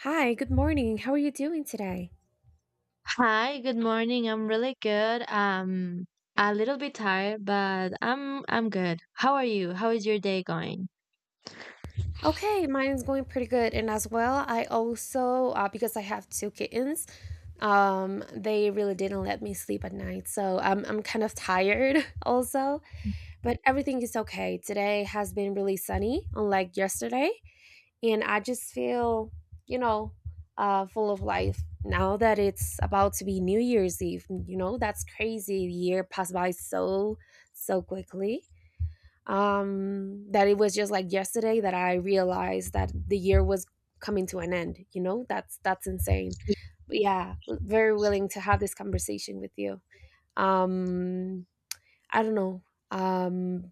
Hi, good morning. How are you doing today? Hi, good morning. I'm really good. A little bit tired, but I'm good. How are you? How is your day going? Okay, mine's going pretty good. And as well, I also, because I have two kittens, they really didn't let me sleep at night. So I'm kind of tired also, but everything is okay. Today has been really sunny, unlike yesterday. And I just feel, you know, full of life now that it's about to be New Year's Eve. You know, that's crazy. The year passed by so, so quickly, that it was just like yesterday that I realized that the year was coming to an end, you know. That's insane. But yeah, very willing to have this conversation with you. um I don't know. um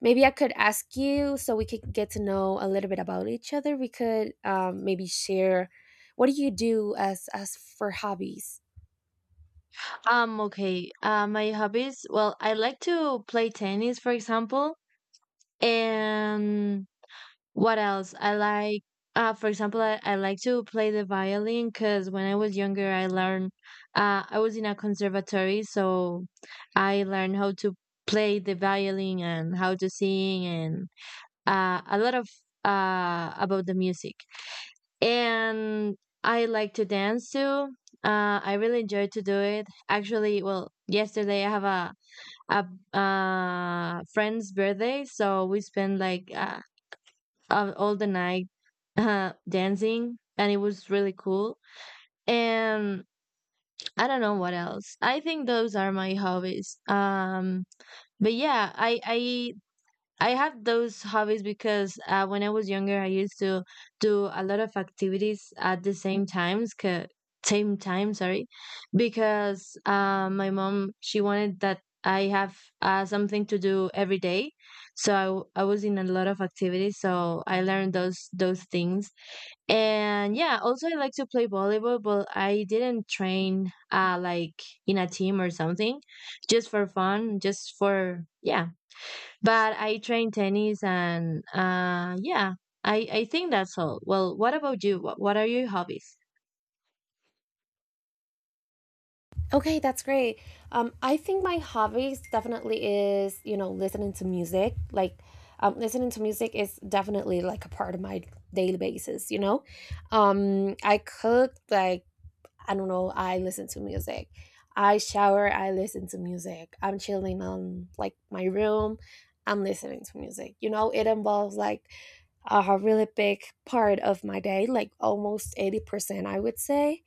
maybe I could ask you, so we could get to know a little bit about each other. We could, maybe share, what do you do as for hobbies? Okay. My hobbies. Well, I like to play tennis, for example, and what else? I like, for example, I like to play the violin because when I was younger, I learned, I was in a conservatory, so I learned how to play the violin and how to sing and a lot of about the music. And I like to dance too. I really enjoy to do it. Actually, well, yesterday I have a friend's birthday, so we spent like all the night dancing, and it was really cool. And I don't know what else. I think those are my hobbies. But yeah, I have those hobbies because when I was younger, I used to do a lot of activities at the same time, sorry, because my mom she wanted that I have something to do every day, so I was in a lot of activities. So I learned those things and yeah, also I like to play volleyball, but I didn't train like in a team or something, just for fun, just for yeah. But I train tennis and yeah, I think that's all. Well, what about you? What are your hobbies? Okay, that's great. I think my hobbies definitely is listening to music. Like, listening to music is definitely like a part of my daily basis, you know? I cook, like, I don't know, I listen to music. I shower, I listen to music. I'm chilling on like my room, I'm listening to music. You know, it involves like a really big part of my day, like almost 80%, I would say.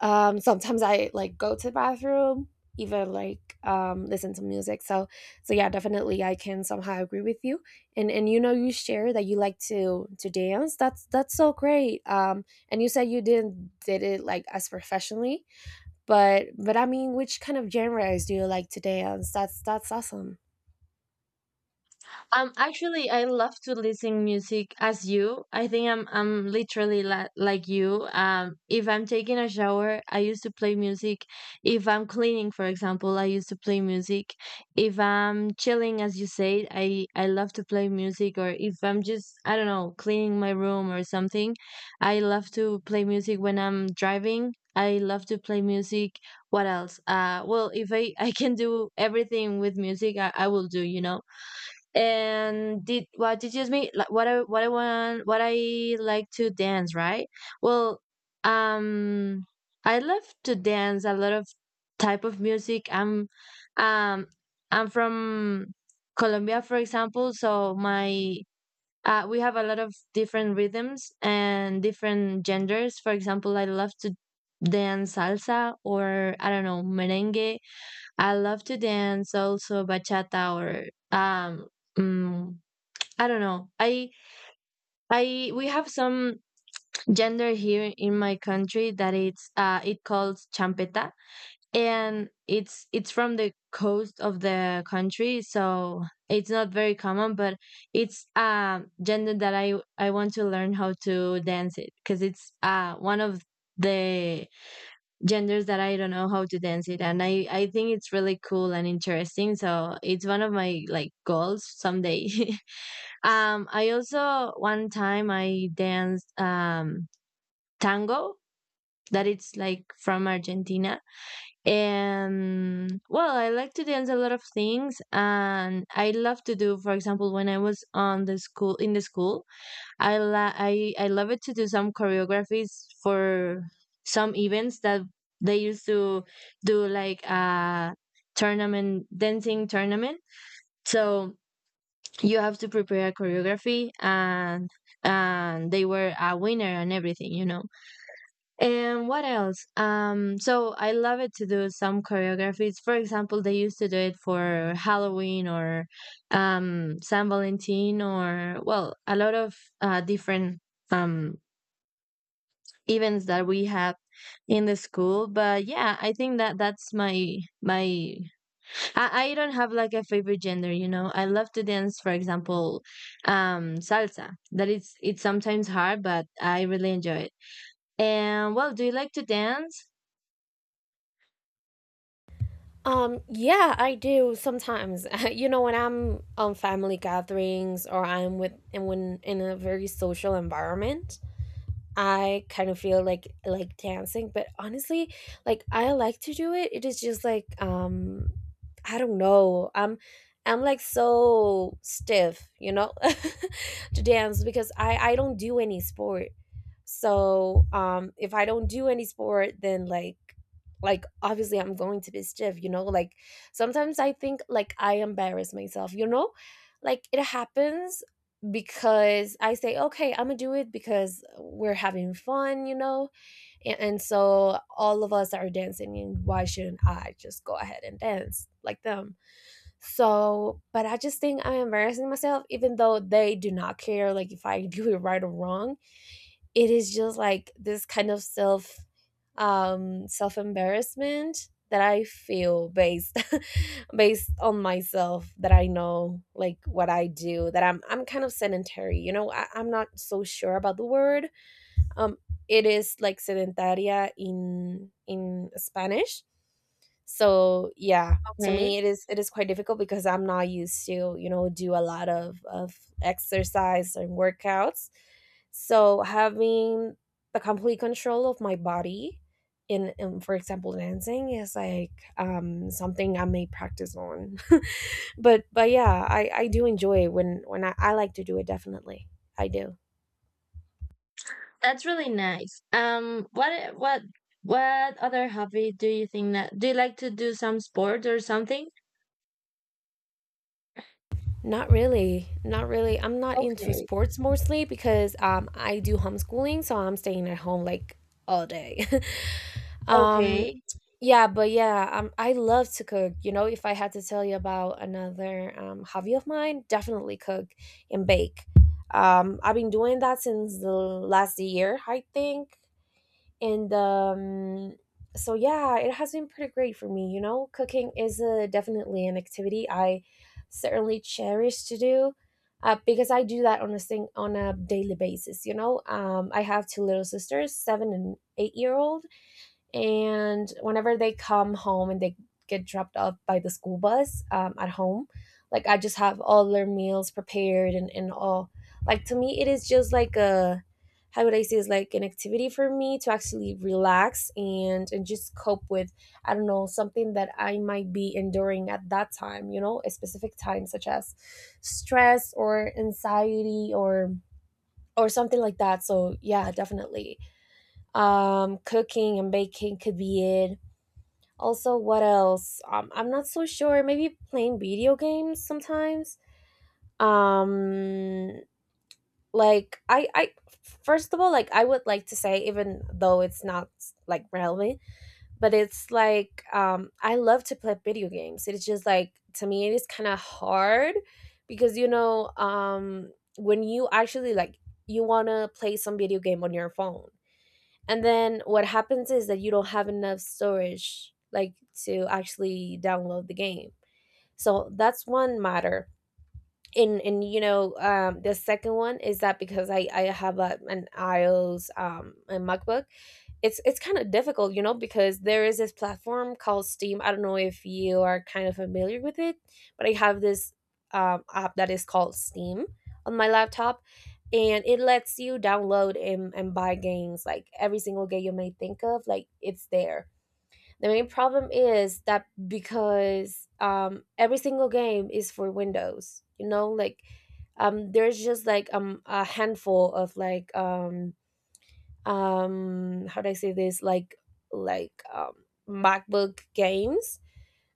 Sometimes I like go to the bathroom, even like, listen to music. So, so yeah, definitely I can somehow agree with you. And you know, you share that you like to dance. That's so great. And you said you didn't did it like as professionally, but I mean, which kind of genres do you like to dance? That's awesome. Actually, I love to listen music as you. I think I'm literally la like you. If I'm taking a shower, I used to play music. If I'm cleaning, for example, I used to play music. If I'm chilling, as you said, I love to play music. Or if I'm just, I don't know, cleaning my room or something, I love to play music when I'm driving. I love to play music. What else? Well, if I I can do everything with music, I will do, and did what teaches me like what I want what I like to dance, right? Well, um I love to dance a lot of type of music. Um I'm from Colombia, for example, so my we have a lot of different rhythms and different genders. For example, I love to dance salsa or, I don't know, merengue. I love to dance also bachata or um mm, I don't know. I We have some gender here in my country that it's it calls champeta, and it's from the coast of the country, so it's not very common, but it's gender that I want to learn how to dance it because it's one of the genders that I don't know how to dance it. And I think it's really cool and interesting. So it's one of my like goals someday. I also, one time I danced, tango, that it's like from Argentina. And well, I like to dance a lot of things and I love to do, for example, when I was on the school, in the school, I la- I love it to do some choreographies for some events that they used to do like a tournament, dancing tournament. So you have to prepare a choreography and they were a winner and everything, you know. And what else? So I love it to do some choreographies. For example, they used to do it for Halloween or San Valentin, or, well, a lot of different um events that we have in the school. But yeah, I think that that's my I don't have like a favorite gender, you know. I love to dance, for example, salsa, that is, it's sometimes hard, but I really enjoy it. And, well, do you like to dance? Yeah, I do sometimes. You know, when I'm on family gatherings or I'm with and when in a very social environment, I kind of feel like dancing, but honestly, like I like to do it. It is just like, I don't know. I'm like so stiff, you know, to dance because I don't do any sport. So, if I don't do any sport, then like obviously I'm going to be stiff, you know? Like sometimes I think like I embarrass myself, you know? Like it happens because I say, okay, I'm gonna do it because we're having fun, you know? And so all of us are dancing, and why shouldn't I just go ahead and dance like them? So, but I just think I'm embarrassing myself, even though they do not care, like if I do it right or wrong. It is just like this kind of self, self embarrassment that I feel, based based on myself, that I know like what I do, that I'm kind of sedentary, you know. I'm not so sure about the word. um, it is like sedentaria in Spanish. So yeah, to Okay, me it is quite difficult because I'm not used to, do a lot of exercise and workouts. So having the complete control of my body, in for example dancing, is like, something I may practice on. But yeah, I do enjoy it when I like to do it, definitely. I do. that's really nice. What other hobby do you think, that do you like to do some sport or something? Not really. Not really. I'm not into Okay. sports, mostly because I do homeschooling, so I'm staying at home like all day. um Okay. yeah, but yeah, I love to cook. You know, if I had to tell you about another, hobby of mine, definitely cook and bake. I've been doing that since the last year, I think, and, so yeah, it has been pretty great for me, you know. Cooking is, definitely an activity I certainly cherish to do, because I do that on a thing on a daily basis, you know. I have two little sisters, 7 and 8 year old, and whenever they come home and they get dropped off by the school bus, at home, like I just have all their meals prepared, and all. Like to me, it is just like a, how would I say, it's like an activity for me to actually relax and just cope with, I don't know, something that I might be enduring at that time, you know, a specific time, such as stress or anxiety, or something like that. So yeah, definitely cooking and baking could be it. Also, what else? I'm not so sure. Maybe playing video games sometimes. Um, like I first of all, like I would like to say, even though it's not like relevant, but it's like, I love to play video games. It's just like, to me, it is kind of hard because, when you actually like you want to play some video game on your phone, and then what happens is that you don't have enough storage like to actually download the game. So that's one matter. And the second one is that because I have an iOS, a MacBook, it's kind of difficult, you know, because there is this platform called Steam. I don't know if you are kind of familiar with it, but I have this, app that is called Steam on my laptop, and it lets you download and buy games, like every single game you may think of, like it's there. The main problem is that, because every single game is for Windows, you know, like, there's just like, a handful of, like, how do I say this, like, MacBook games.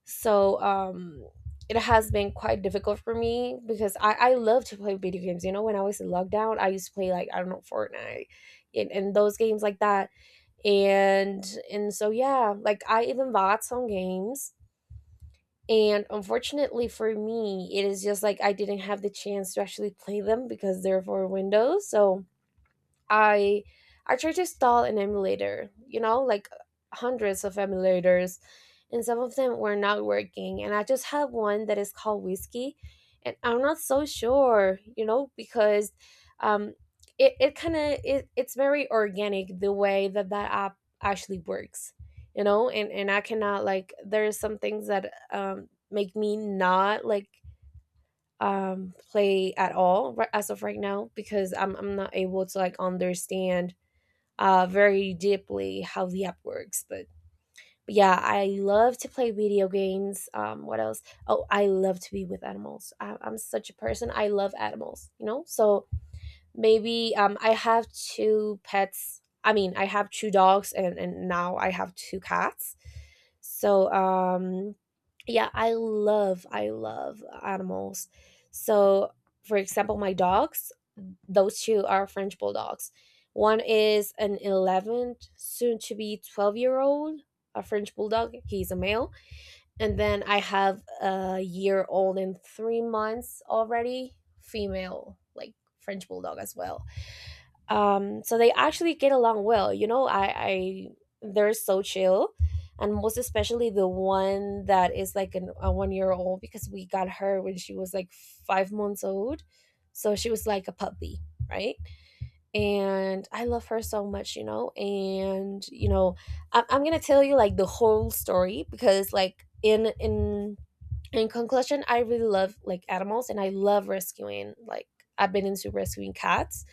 So, it has been quite difficult for me because I love to play video games. You know, when I was in lockdown, I used to play, like, I don't know, Fortnite, and those games like that, and and so yeah, like I even bought some games, and unfortunately for me, it is just like I didn't have the chance to actually play them because they're for Windows. So I I tried to install an emulator, you know, like hundreds of emulators, and some of them were not working. And I just have one that is called Whiskey, and I'm not so sure, you know, because, um, it, it kind of it, it's very organic the way that that app actually works, you know. And I cannot, like, there's some things that, make me not like play at all, as of right now, because I'm not able to like understand, very deeply, how the app works. But yeah, I love to play video games. What else? Oh, I love to be with animals. I'm such a person. I love animals, you know? So maybe, I have two pets. I mean, I have two dogs, and now I have two cats. So, yeah, I love animals. So, for example, my dogs, those two are French bulldogs. One is an 11, soon to be 12-year-old, a French bulldog. He's a male. And then I have a year old and 3 months already, female, like French bulldog as well. So they actually get along well. You know, I they're so chill. And most especially the one that is like a 1 year old, because we got her when she was like 5 months old. So she was like a puppy, right? And I love her so much, you know. And you know, I'm gonna tell you like the whole story, because like, in conclusion, I really love like animals, and I love rescuing. Like, I've been into rescuing cats.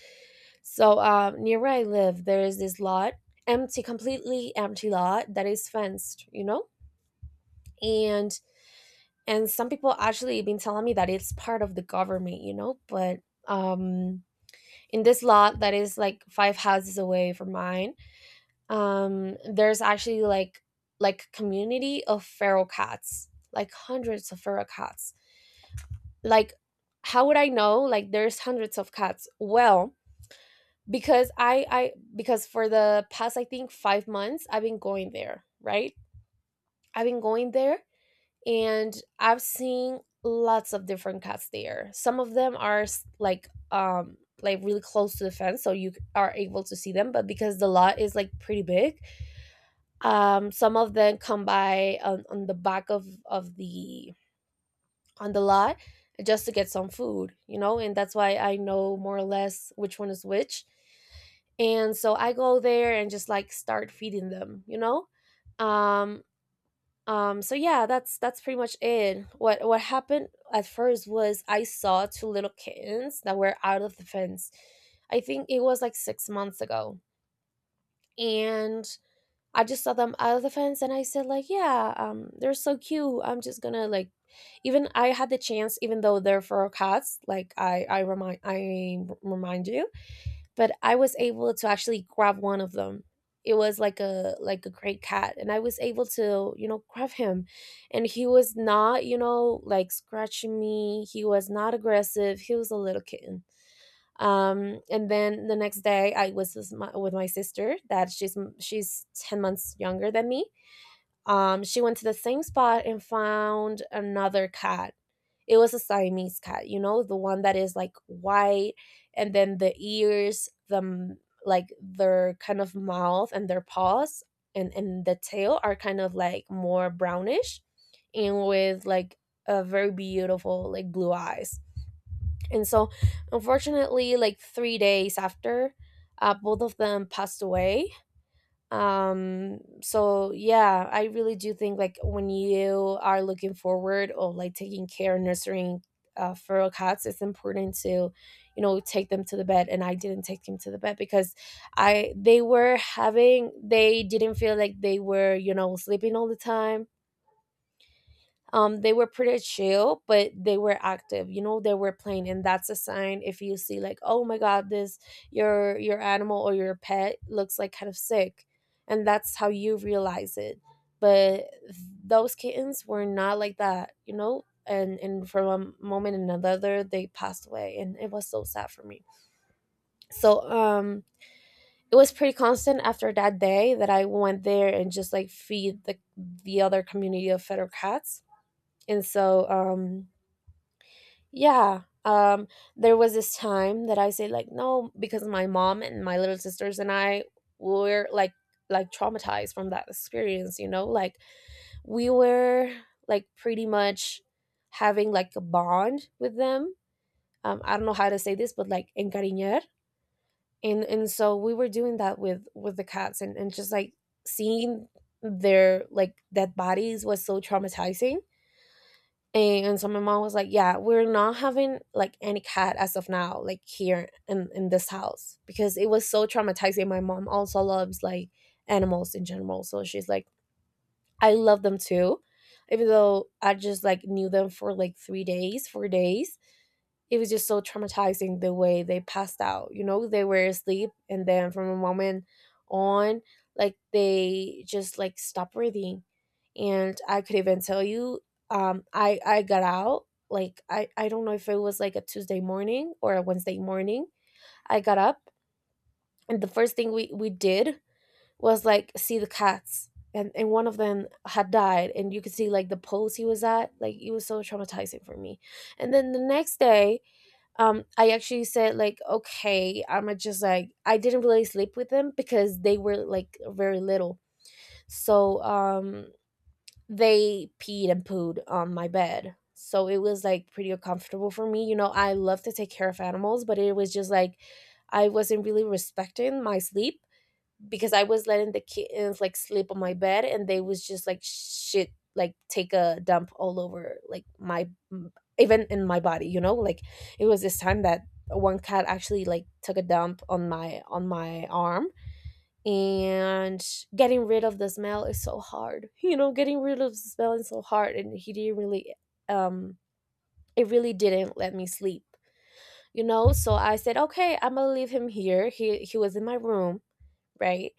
So, Near where I live, there is this lot, empty, completely empty lot, that is fenced, you know. And and some people actually been telling me that it's part of the government, you know. But, um in this lot that is like five houses away from mine, there's actually like, community of feral cats, like hundreds of feral cats. Like, how would I know like there's hundreds of cats? Well, because I because for the past, I think, 5 months, I've been going there, right? I've been going there, and I've seen lots of different cats there. Some of them are, like, really close to the fence, so you are able to see them. But because the lot is like pretty big, some of them come by on the back of the on the lot, just to get some food, you know. And that's why I know, more or less, which one is which. And so I go there and just like start feeding them, you know. Um, yeah, that's pretty much it. What happened at first was I saw two little kittens that were out of the fence. I think it was like 6 months ago, and I just saw them out of the fence, and I said like, yeah, they're so cute. I'm just gonna like, even I had the chance, even though they're feral cats. Like I remind you, but I was able to actually grab one of them. It was like a great cat, and I was able to, you know, grab him, and he was not, you know, like scratching me. He was not aggressive. He was a little kitten. And then the next day I was with my sister that she's 10 months younger than me. She went to the same spot and found another cat. It was a Siamese cat, you know, the one that is like white, and then the ears, like their kind of mouth and their paws and the tail are kind of like more brownish, and with like a very beautiful like blue eyes. And so unfortunately like 3 days after, both of them passed away. So yeah, I really do think like when you are looking forward or like taking care and nurturing feral cats, it's important to, you know, take them to the bed. And I didn't take them to the bed because I they were having, they didn't feel like they were, you know, sleeping all the time. They were pretty chill, but they were active, you know, they were playing. And that's a sign. If you see like, oh my God, this, your animal or your pet looks like kind of sick, and that's how you realize it. But those kittens were not like that, you know. And from a moment and another they passed away, and it was so sad for me. so um it was pretty constant after that day that I went there and just like feed the other community of fetter cats. And so yeah. There was this time that I say like no, because my mom and my little sisters and I were like traumatized from that experience, you know? Like we were like pretty much having like a bond with them. I don't know how to say this, but like encariñar. And so we were doing that with the cats, and just like seeing their like dead bodies was so traumatizing. And so my mom was like, "Yeah, we're not having like any cat as of now, like here in this house because it was so traumatizing." My mom also loves like animals in general, so she's like, "I love them too." Even though I just like knew them for like 3 days, 4 days, it was just so traumatizing the way they passed out. You know, they were asleep, and then from a moment on, like they just like stopped breathing. And I could even tell you, I got out like, I don't know if it was like a Tuesday morning or a Wednesday morning. I got up, and the first thing we did was like see the cats, and one of them had died, and you could see like the pose he was at. Like it was so traumatizing for me. And then the next day, I actually said like, okay, I'm gonna just like, I didn't really sleep with them because they were like very little. So they peed and pooed on my bed. So it was like pretty uncomfortable for me. You know, I love to take care of animals, but it was just like I wasn't really respecting my sleep because I was letting the kittens like sleep on my bed, and they was just like shit, like take a dump all over like my, even in my body, you know? Like it was this time that one cat actually like took a dump on my arm. And getting rid of the smell is so hard, you know, getting rid of the smell is so hard. And he didn't really um it really didn't let me sleep, you know. So I said, okay, I'm gonna leave him here. He was in my room, right?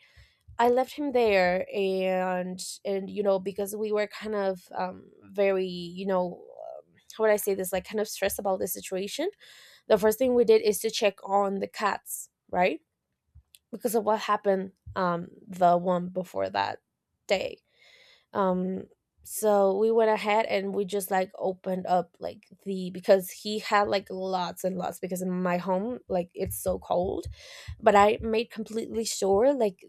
I left him there. And you know, because we were kind of very, you know, um, how would I say this, like kind of stressed about the situation, the first thing we did is to check on the cats, right? Because of what happened, the one before that day. um so we went ahead, and we just like opened up like the, because he had like lots and lots, because in my home like it's so cold, but I made completely sure like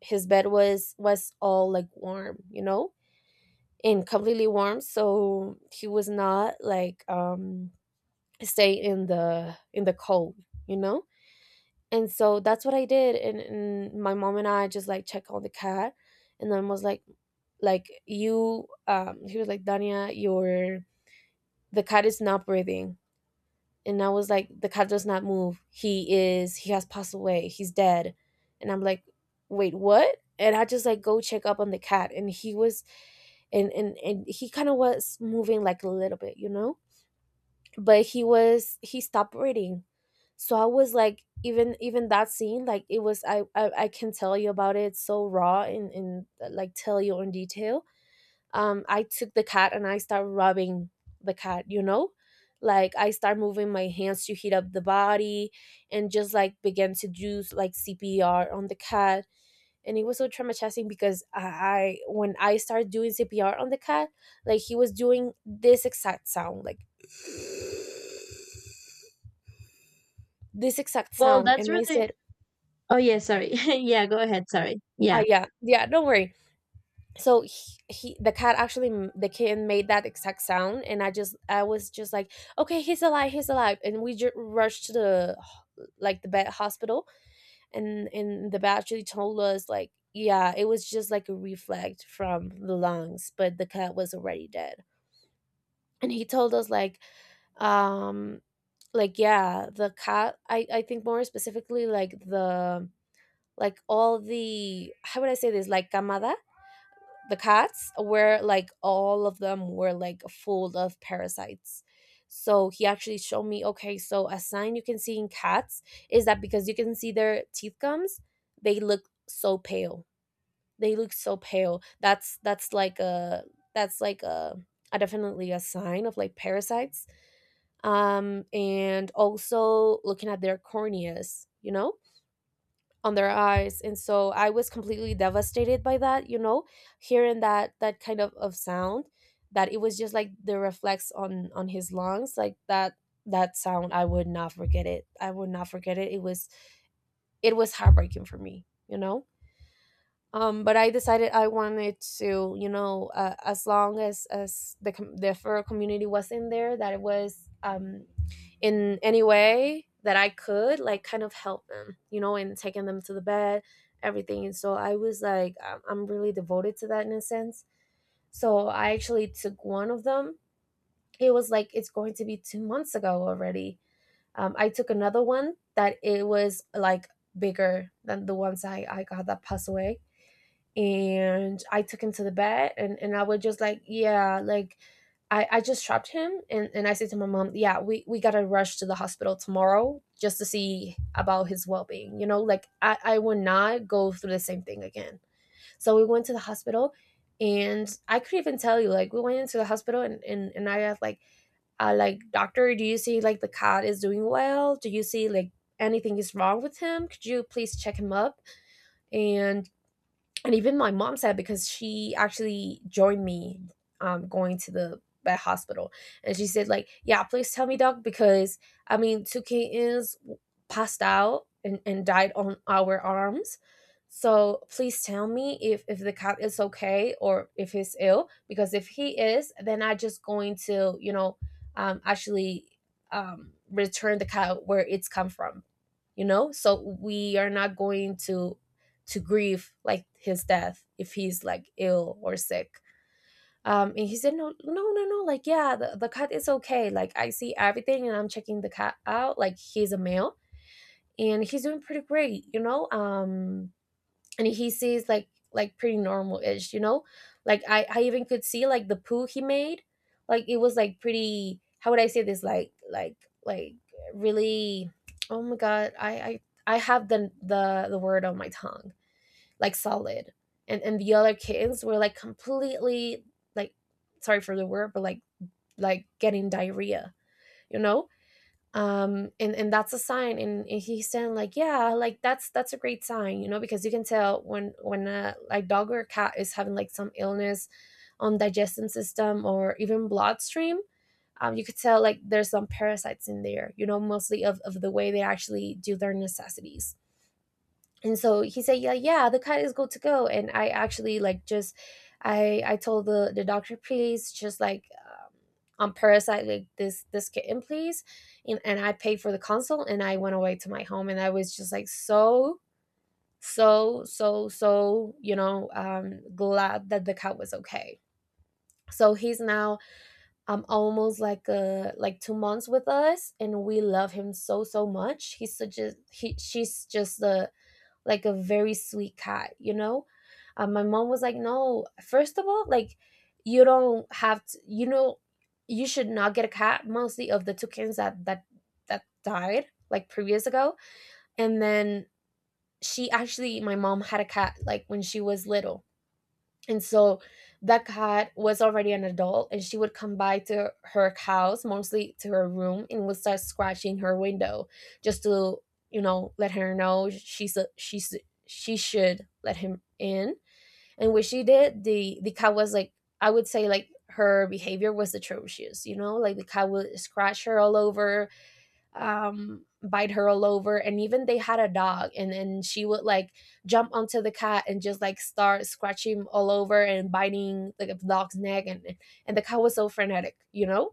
his bed was all like warm, you know, and completely warm, so he was not like stay in the cold, you know. And so that's what I did, and my mom and I just like check on the cat, and then was like you, he was like, Dania, your the cat is not breathing. And I was like, the cat does not move. He has passed away. He's dead. And I'm like, wait, what? And I just like go check up on the cat, and he was, and he kind of was moving like a little bit, you know, but he stopped reading. So I was like, even that scene like it was, I can tell you about it so raw, and like tell you in detail. I took the cat and I start rubbing the cat, you know, like I start moving my hands to heat up the body, and just like began to do like CPR on the cat. And it was so traumatizing because I, when I started doing CPR on the cat, like he was doing this exact sound, like this exact Well, sound, that's and I really... said, oh yeah, sorry yeah, go ahead, sorry, ah, yeah. yeah yeah, don't worry. So he, the cat actually the kitten made that exact sound, and I just, I was just like, okay, he's alive, he's alive. And we rushed to the like the vet hospital. And the vet actually told us like, yeah, it was just like a reflect from the lungs, but the cat was already dead. And he told us like, um like, yeah, the cat, I think more specifically like the, like all the, how would I say this, like camada, the cats were like, all of them were like full of parasites. So he actually showed me, okay, so a sign you can see in cats is that, because you can see their teeth gums, they look so pale. They look so pale. That's like a, that's like a definitely a sign of like parasites. And also looking at their corneas, you know, on their eyes. And so I was completely devastated by that, you know, hearing that that kind of sound that it was just like the reflex on his lungs, like that that sound. I would not forget it. I would not forget it. It was, it was heartbreaking for me, you know. But I decided I wanted to, you know, as long as the the fur community was in there, that it was in any way that I could, like kind of help them, you know, and taking them to the bed, everything. And so I was like, I'm really devoted to that in a sense. So I actually took one of them. It was like, it's going to be 2 months ago already. I took another one that it was like bigger than the ones I got that passed away. And I took him to the vet, and I was just like, yeah, like I just trapped him, and I said to my mom, yeah, we gotta rush to the hospital tomorrow just to see about his well being. You know, like I would not go through the same thing again. So we went to the hospital, and I could even tell you, like we went into the hospital, and I asked like, like, doctor, do you see like the cat is doing well? Do you see like anything is wrong with him? Could you please check him up? And and even my mom said, because she actually joined me going to the vet hospital. And she said, like, yeah, please tell me, doc, because I mean, passed out and died on our arms. So please tell me if the cat is okay, or if he's ill, because if he is, then I just going to, actually, return the cat where it's come from. You know, so we are not going to grieve, like, his death if he's, like, ill or sick. And he said, no, no, no, no, like, yeah, the cat is okay. Like, I see everything, and I'm checking the cat out. Like, he's a male, and he's doing pretty great, you know. And he sees, like pretty normal-ish, you know. Like, I even could see, like, the poo he made. Like, it was, like, pretty — how would I say this? Like, like really — oh my god, I have the word on my tongue. Like, solid. And the other kittens were, like, completely, like — sorry for the word, but, like getting diarrhea, you know. And that's a sign, and he's saying, like, yeah, like, that's a great sign, you know, because you can tell when a, like, dog or a cat is having, like, some illness on digestive system or even bloodstream. You could tell, like, there's some parasites in there, you know, mostly of the way they actually do their necessities. And so he said, yeah, yeah, the cut is good to go. And I actually, like, just I told the doctor, please, just, like, on parasite, like, this kitten, please. And I paid for the consult, and I went away to my home, and I was just, like, so so, you know, glad that the cat was okay. So he's now, almost, like, like 2 months with us, and we love him so so much. He's such a — he she's just the — like a very sweet cat, you know? My mom was like, no, first of all, like, you don't have to, you should not get a cat, mostly of the toucans that died, like, previous ago. And then she actually — my mom had a cat, like, when she was little. And so that cat was already an adult, and she would come by to her house, mostly to her room, and would start scratching her window just to, let her know she's a — she should let him in. And when she did, the cat was like — I would say, like, her behavior was atrocious, you know, like the cat would scratch her all over, bite her all over. And even they had a dog, and then she would, like, jump onto the cat and just, like, start scratching all over and biting, like, the dog's neck. And the cat was so frenetic, you know.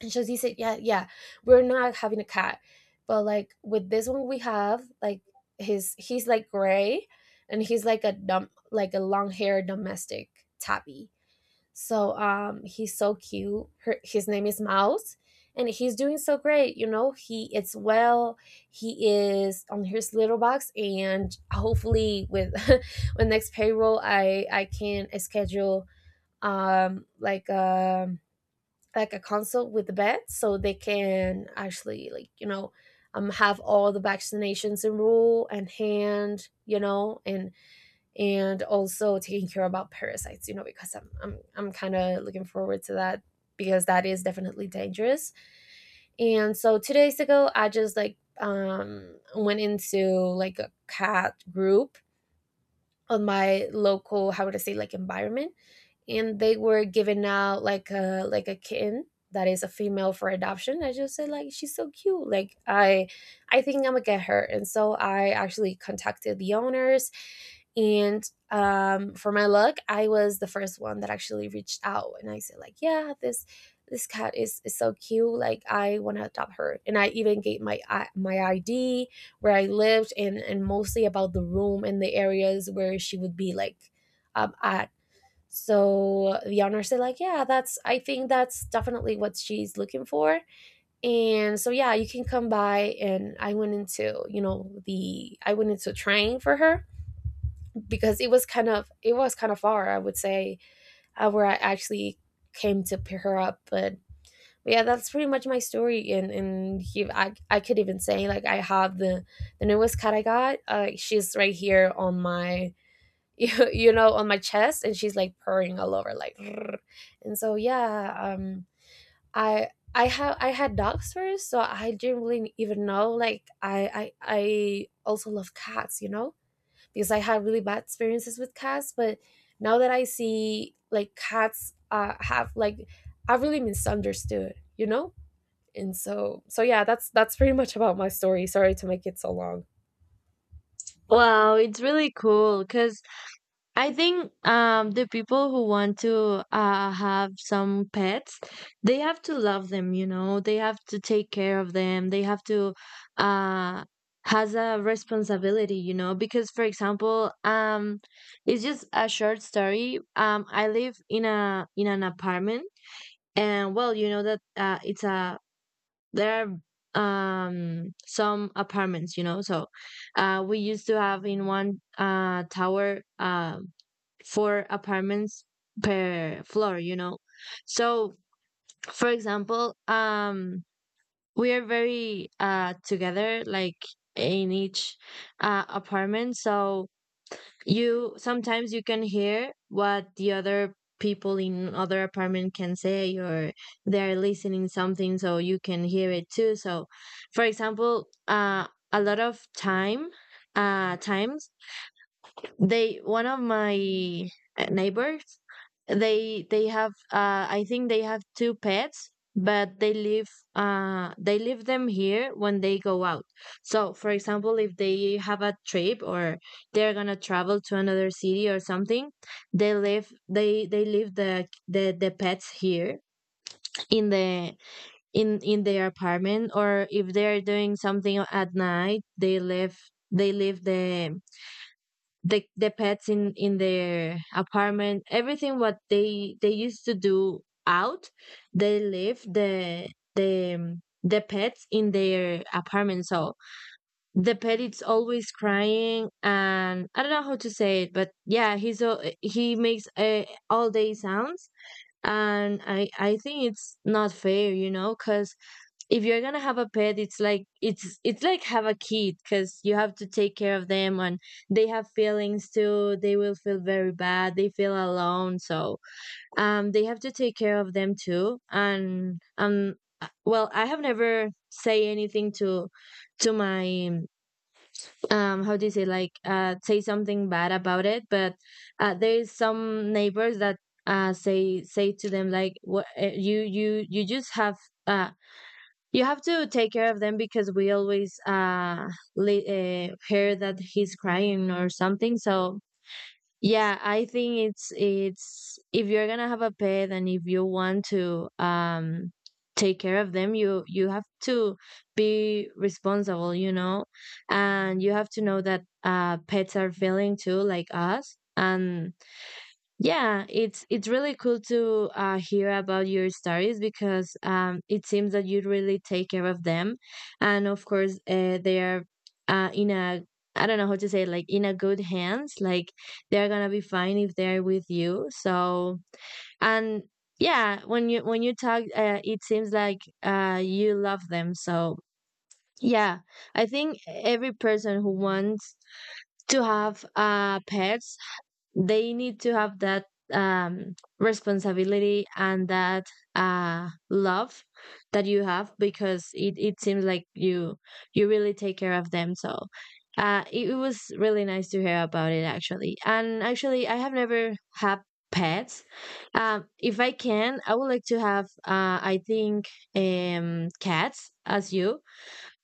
And Josie said, yeah, yeah, we're not having a cat. But, like, with this one, we have, like — his he's, like, gray, and he's, like, a dumb, like a long hair domestic tabby. So, he's so cute. His name is Mouse, and he's doing so great. You know, he it's well. He is on his little box, and hopefully with with next payroll, I can schedule um like um like a consult with the vet, so they can actually, like, you know, have all the vaccinations in rule and hand, you know. And also taking care about parasites, you know, because I'm kind of looking forward to that, because that is definitely dangerous. And so 2 days ago, I just, like, went into, like, a cat group on my local — how would I say — like, environment. And they were giving out, like, a like a kitten that is a female for adoption. I just said, like, she's so cute, like, I think I'm gonna get her. And so I actually contacted the owners, and for my luck, I was the first one that actually reached out. And I said, like, yeah, this cat is so cute, like, I want to adopt her. And I even gave my my id, where I lived, and mostly about the room and the areas where she would be, like, um, uh, so the owner said, like, yeah, that's I think that's definitely what she's looking for. And so yeah, you can come by. And I went into, you know, the I went into training for her, because it was kind of far, I would say, where I actually came to pick her up. But yeah, that's pretty much my story. And I could even say, like, I have the newest cat I got. She's right here on my you know, on my chest, and she's, like, purring all over, like, "Grr." And so yeah, i I had dogs first, so I didn't really even know, like, I also love cats, you know. Because I had really bad experiences with cats, but now that I see, like, cats have, like — I've really misunderstood, you know. And so yeah, that's pretty much about my story. Sorry to make it so long. Wow, it's really cool because I think the people who want to have some pets, they have to love them, you know, they have to take care of them, they have to uh, has a responsibility, you know, because, for example, it's just a short story. I live in a in an apartment, and, well, you know that it's a there are some apartments, you know. So we used to have in one tower four apartments per floor, you know. So, for example, we are very together like in each apartment. So you sometimes you can hear what the other people in other apartment can say or they're listening something, so you can hear it too. So, for example, a lot of times, they one of my neighbors, they have I think they have two pets, but they leave them here when they go out. So, for example, if they have a trip or they're gonna travel to another city or something, they leave the the pets here in the in their apartment, or if they're doing something at night, they leave the the pets in their apartment. Everything what they used to do out, they leave the the pets in their apartment. So the pet is always crying, and I don't know how to say it, but yeah, he makes all day sounds. And I think it's not fair, you know, because if you're gonna have a pet, it's like it's like have a kid, because you have to take care of them, and they have feelings too. They will feel very bad, they feel alone. So they have to take care of them too. And well, I have never say anything to my how do you say, like say something bad about it. But there is some neighbors that say to them like what, you just have uh you have to take care of them, because we always li- hear that he's crying or something. So yeah, I think it's if you're gonna have a pet and if you want to take care of them, you have to be responsible, you know, and you have to know that pets are feeling too, like us. And yeah, it's really cool to hear about your stories, because it seems that you really take care of them, and of course they are in a, I don't know how to say it, like in a good hands. Like, they're gonna be fine if they're with you. So, and yeah, when you talk, it seems like you love them. So yeah, I think every person who wants to have pets, they need to have that responsibility and that love that you have, because it seems like you really take care of them. So it, it was really nice to hear about it. Actually, and actually I have never had pets. If I can, I would like to have, I think, cats as you.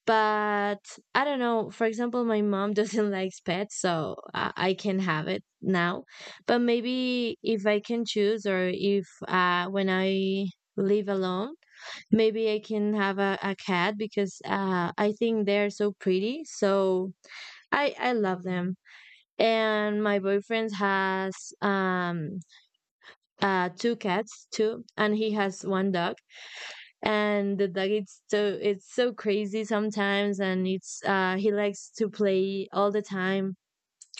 But I don't know. For example, my mom doesn't like pets, so I can have it now. But maybe if I can choose, or if when I live alone, maybe I can have a cat, because I think they're so pretty. So I love them. And my boyfriend has um two cats too, and he has one dog, and like, it's so, it's so crazy sometimes. And it's he likes to play all the time,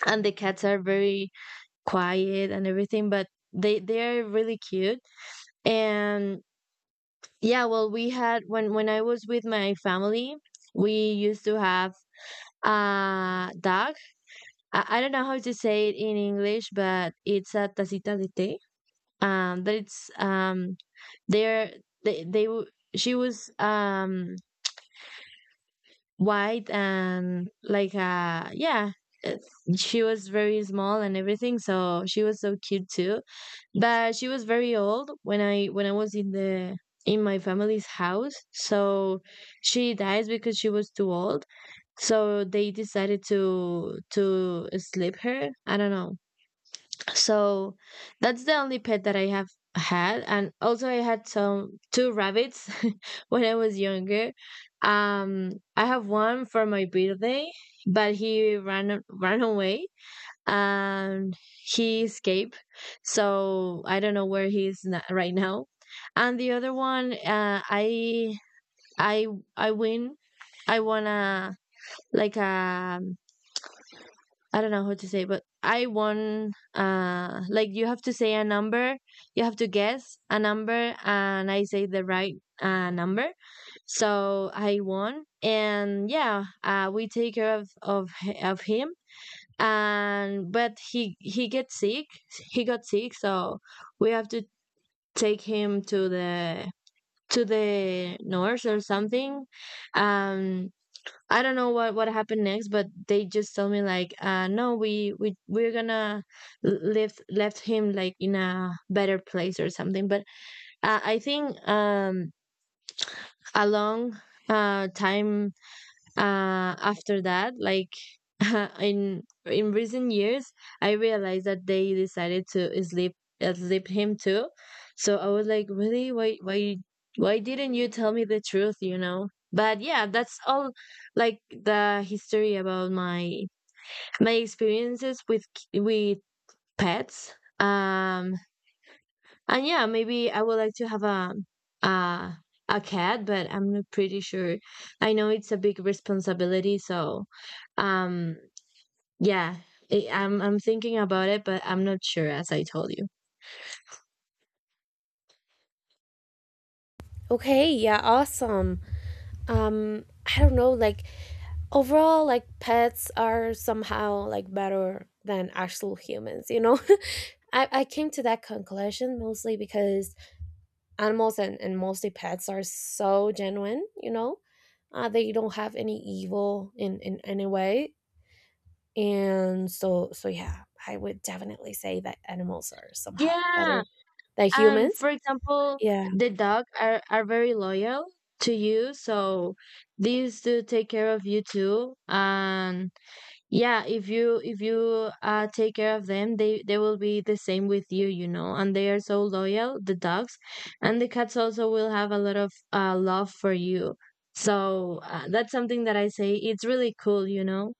and the cats are very quiet and everything, but they they're really cute. And yeah, well, we had when I was with my family, we used to have a dog. I don't know how to say it in English, but it's a tacita de té. But it's they're they w- she was white and like, yeah, it's, she was very small and everything, so she was so cute too. But she was very old when I when I was in the in my family's house. So she died because she was too old, so they decided to slip her, I don't know. So that's the only pet that I have had. And also I had some two rabbits when I was younger. Um, I have one for my birthday, but he ran away and he escaped. So I don't know where he is right now. And the other one I I win I won a like a I don't know how to say, but I won. Like you have to say a number, you have to guess a number, and I say the right number. So I won, and yeah, we take care of him. And but he gets sick. He got sick, so we have to take him to the nurse or something. Um, I don't know what happened next, but they just told me like, no, we're gonna left him like in a better place or something. But I think a long time after that, like in recent years, I realized that they decided to sleep, sleep him too. So I was like, really? Why didn't you tell me the truth, but yeah, that's all, like the history about my my experiences with k- with pets. um and yeah, maybe I would like to have a a cat, but I'm not pretty sure. I know it's a big responsibility, so um yeah, I'm thinking about it, but I'm not sure, as I told you. Okay, yeah, awesome. um I don't know, like, overall, like, pets are somehow, like, better than actual humans, you know. I came to that conclusion mostly because animals, and mostly pets, are so genuine, you know. They don't have any evil in any way. And so yeah, I would definitely say that animals are somehow Yeah. better than And humans. for example, Yeah, the dog are very loyal to you, so these do take care of you too. And yeah, if you take care of them, they will be the same with you, you know. And they are so loyal, the dogs, and the cats also will have a lot of love for you. So that's something that I say. It's really cool, you know.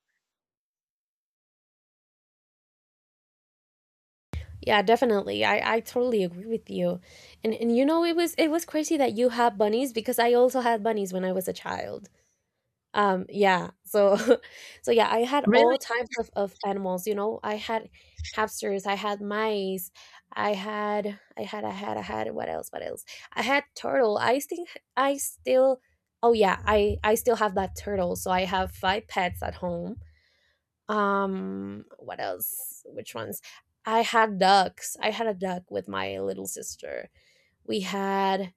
yeah, definitely. I totally agree with you. And you know, it was crazy that you had bunnies, because I also had bunnies when I was a child. Yeah. So so yeah, I had Really? all types of animals, you know. I had hamsters, I had mice, I had — what else? What else? I had turtle. I think I still Oh yeah, I still have that turtle. So I have five pets at home. What else? Which ones? I had ducks. I had a duck with my little sister. We had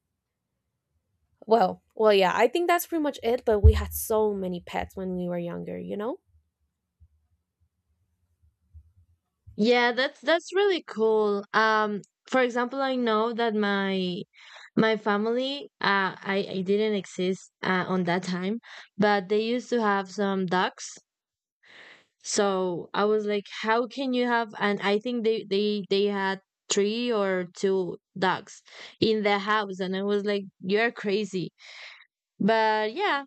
Well, yeah, I think that's pretty much it, but we had so many pets when we were younger, you know? Yeah, that's really cool. For example, I know that my family, I didn't exist on that time, but they used to have some ducks. So I was like, how can you have? And I think they had three or two ducks in the house, and I was like, you're crazy. But yeah,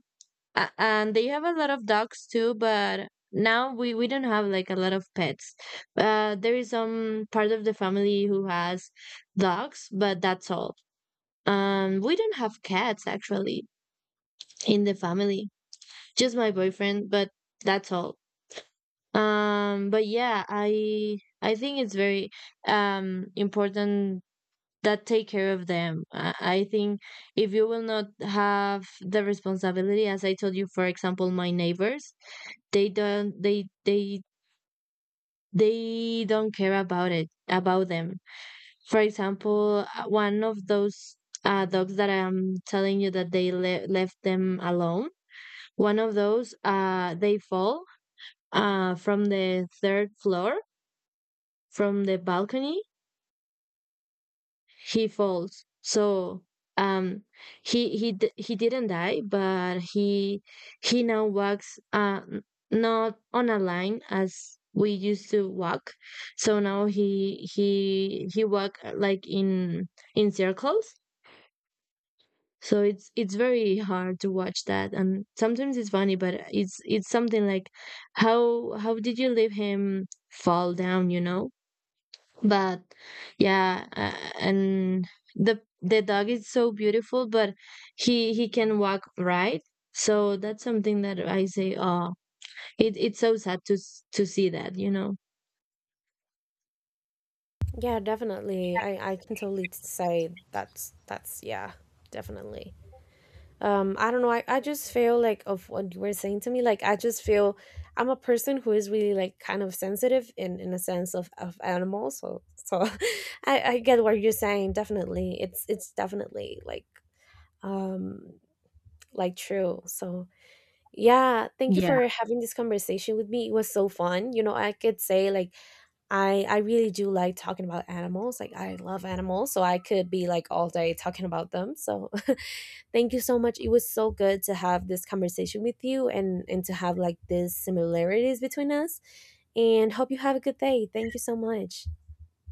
and they have a lot of dogs too. But now we don't have like a lot of pets. There is some part of the family who has dogs, but that's all. We don't have cats actually in the family, just my boyfriend, but that's all. But yeah, I think it's very important that take care of them. I think if you will not have the responsibility, as I told you, for example, my neighbors, they don't they they they don't care about it, about them. For example, one of those dogs that I'm telling you that they left them alone. One of those, they fall from the third floor, from the balcony. He falls, so um he he didn't die, but he now walks not on a line as we used to walk. So now he walk, like in circles. So it's very hard to watch that, and sometimes it's funny, but it's something like, how did you leave him fall down, you know? But yeah, and the dog is so beautiful, but he can walk right. So that's something that I say, oh, it's so sad to to see that, you know. Yeah, definitely. I can totally say that's yeah, definitely. I don't know. I just feel, like, of what you were saying to me, like I just feel I'm a person who is really, like, kind of sensitive in a sense of animals. So I get what you're saying. Definitely, it's definitely, like, um like true. So yeah, thank you Yeah. for having this conversation with me. It was so fun. You know, I could say, like, I really do like talking about animals. Like, I love animals, so I could be, like, all day talking about them. So thank you so much. It was so good to have this conversation with you, and to have, like, these similarities between us. And hope you have a good day. Thank you so much.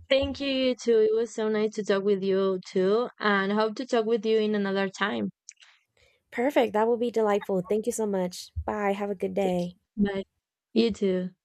Thank you, you too. It was so nice to talk with you too, and hope to talk with you in another time. Perfect. That will be delightful. Thank you so much. Bye. Have a good Thank day. you. Bye. You too.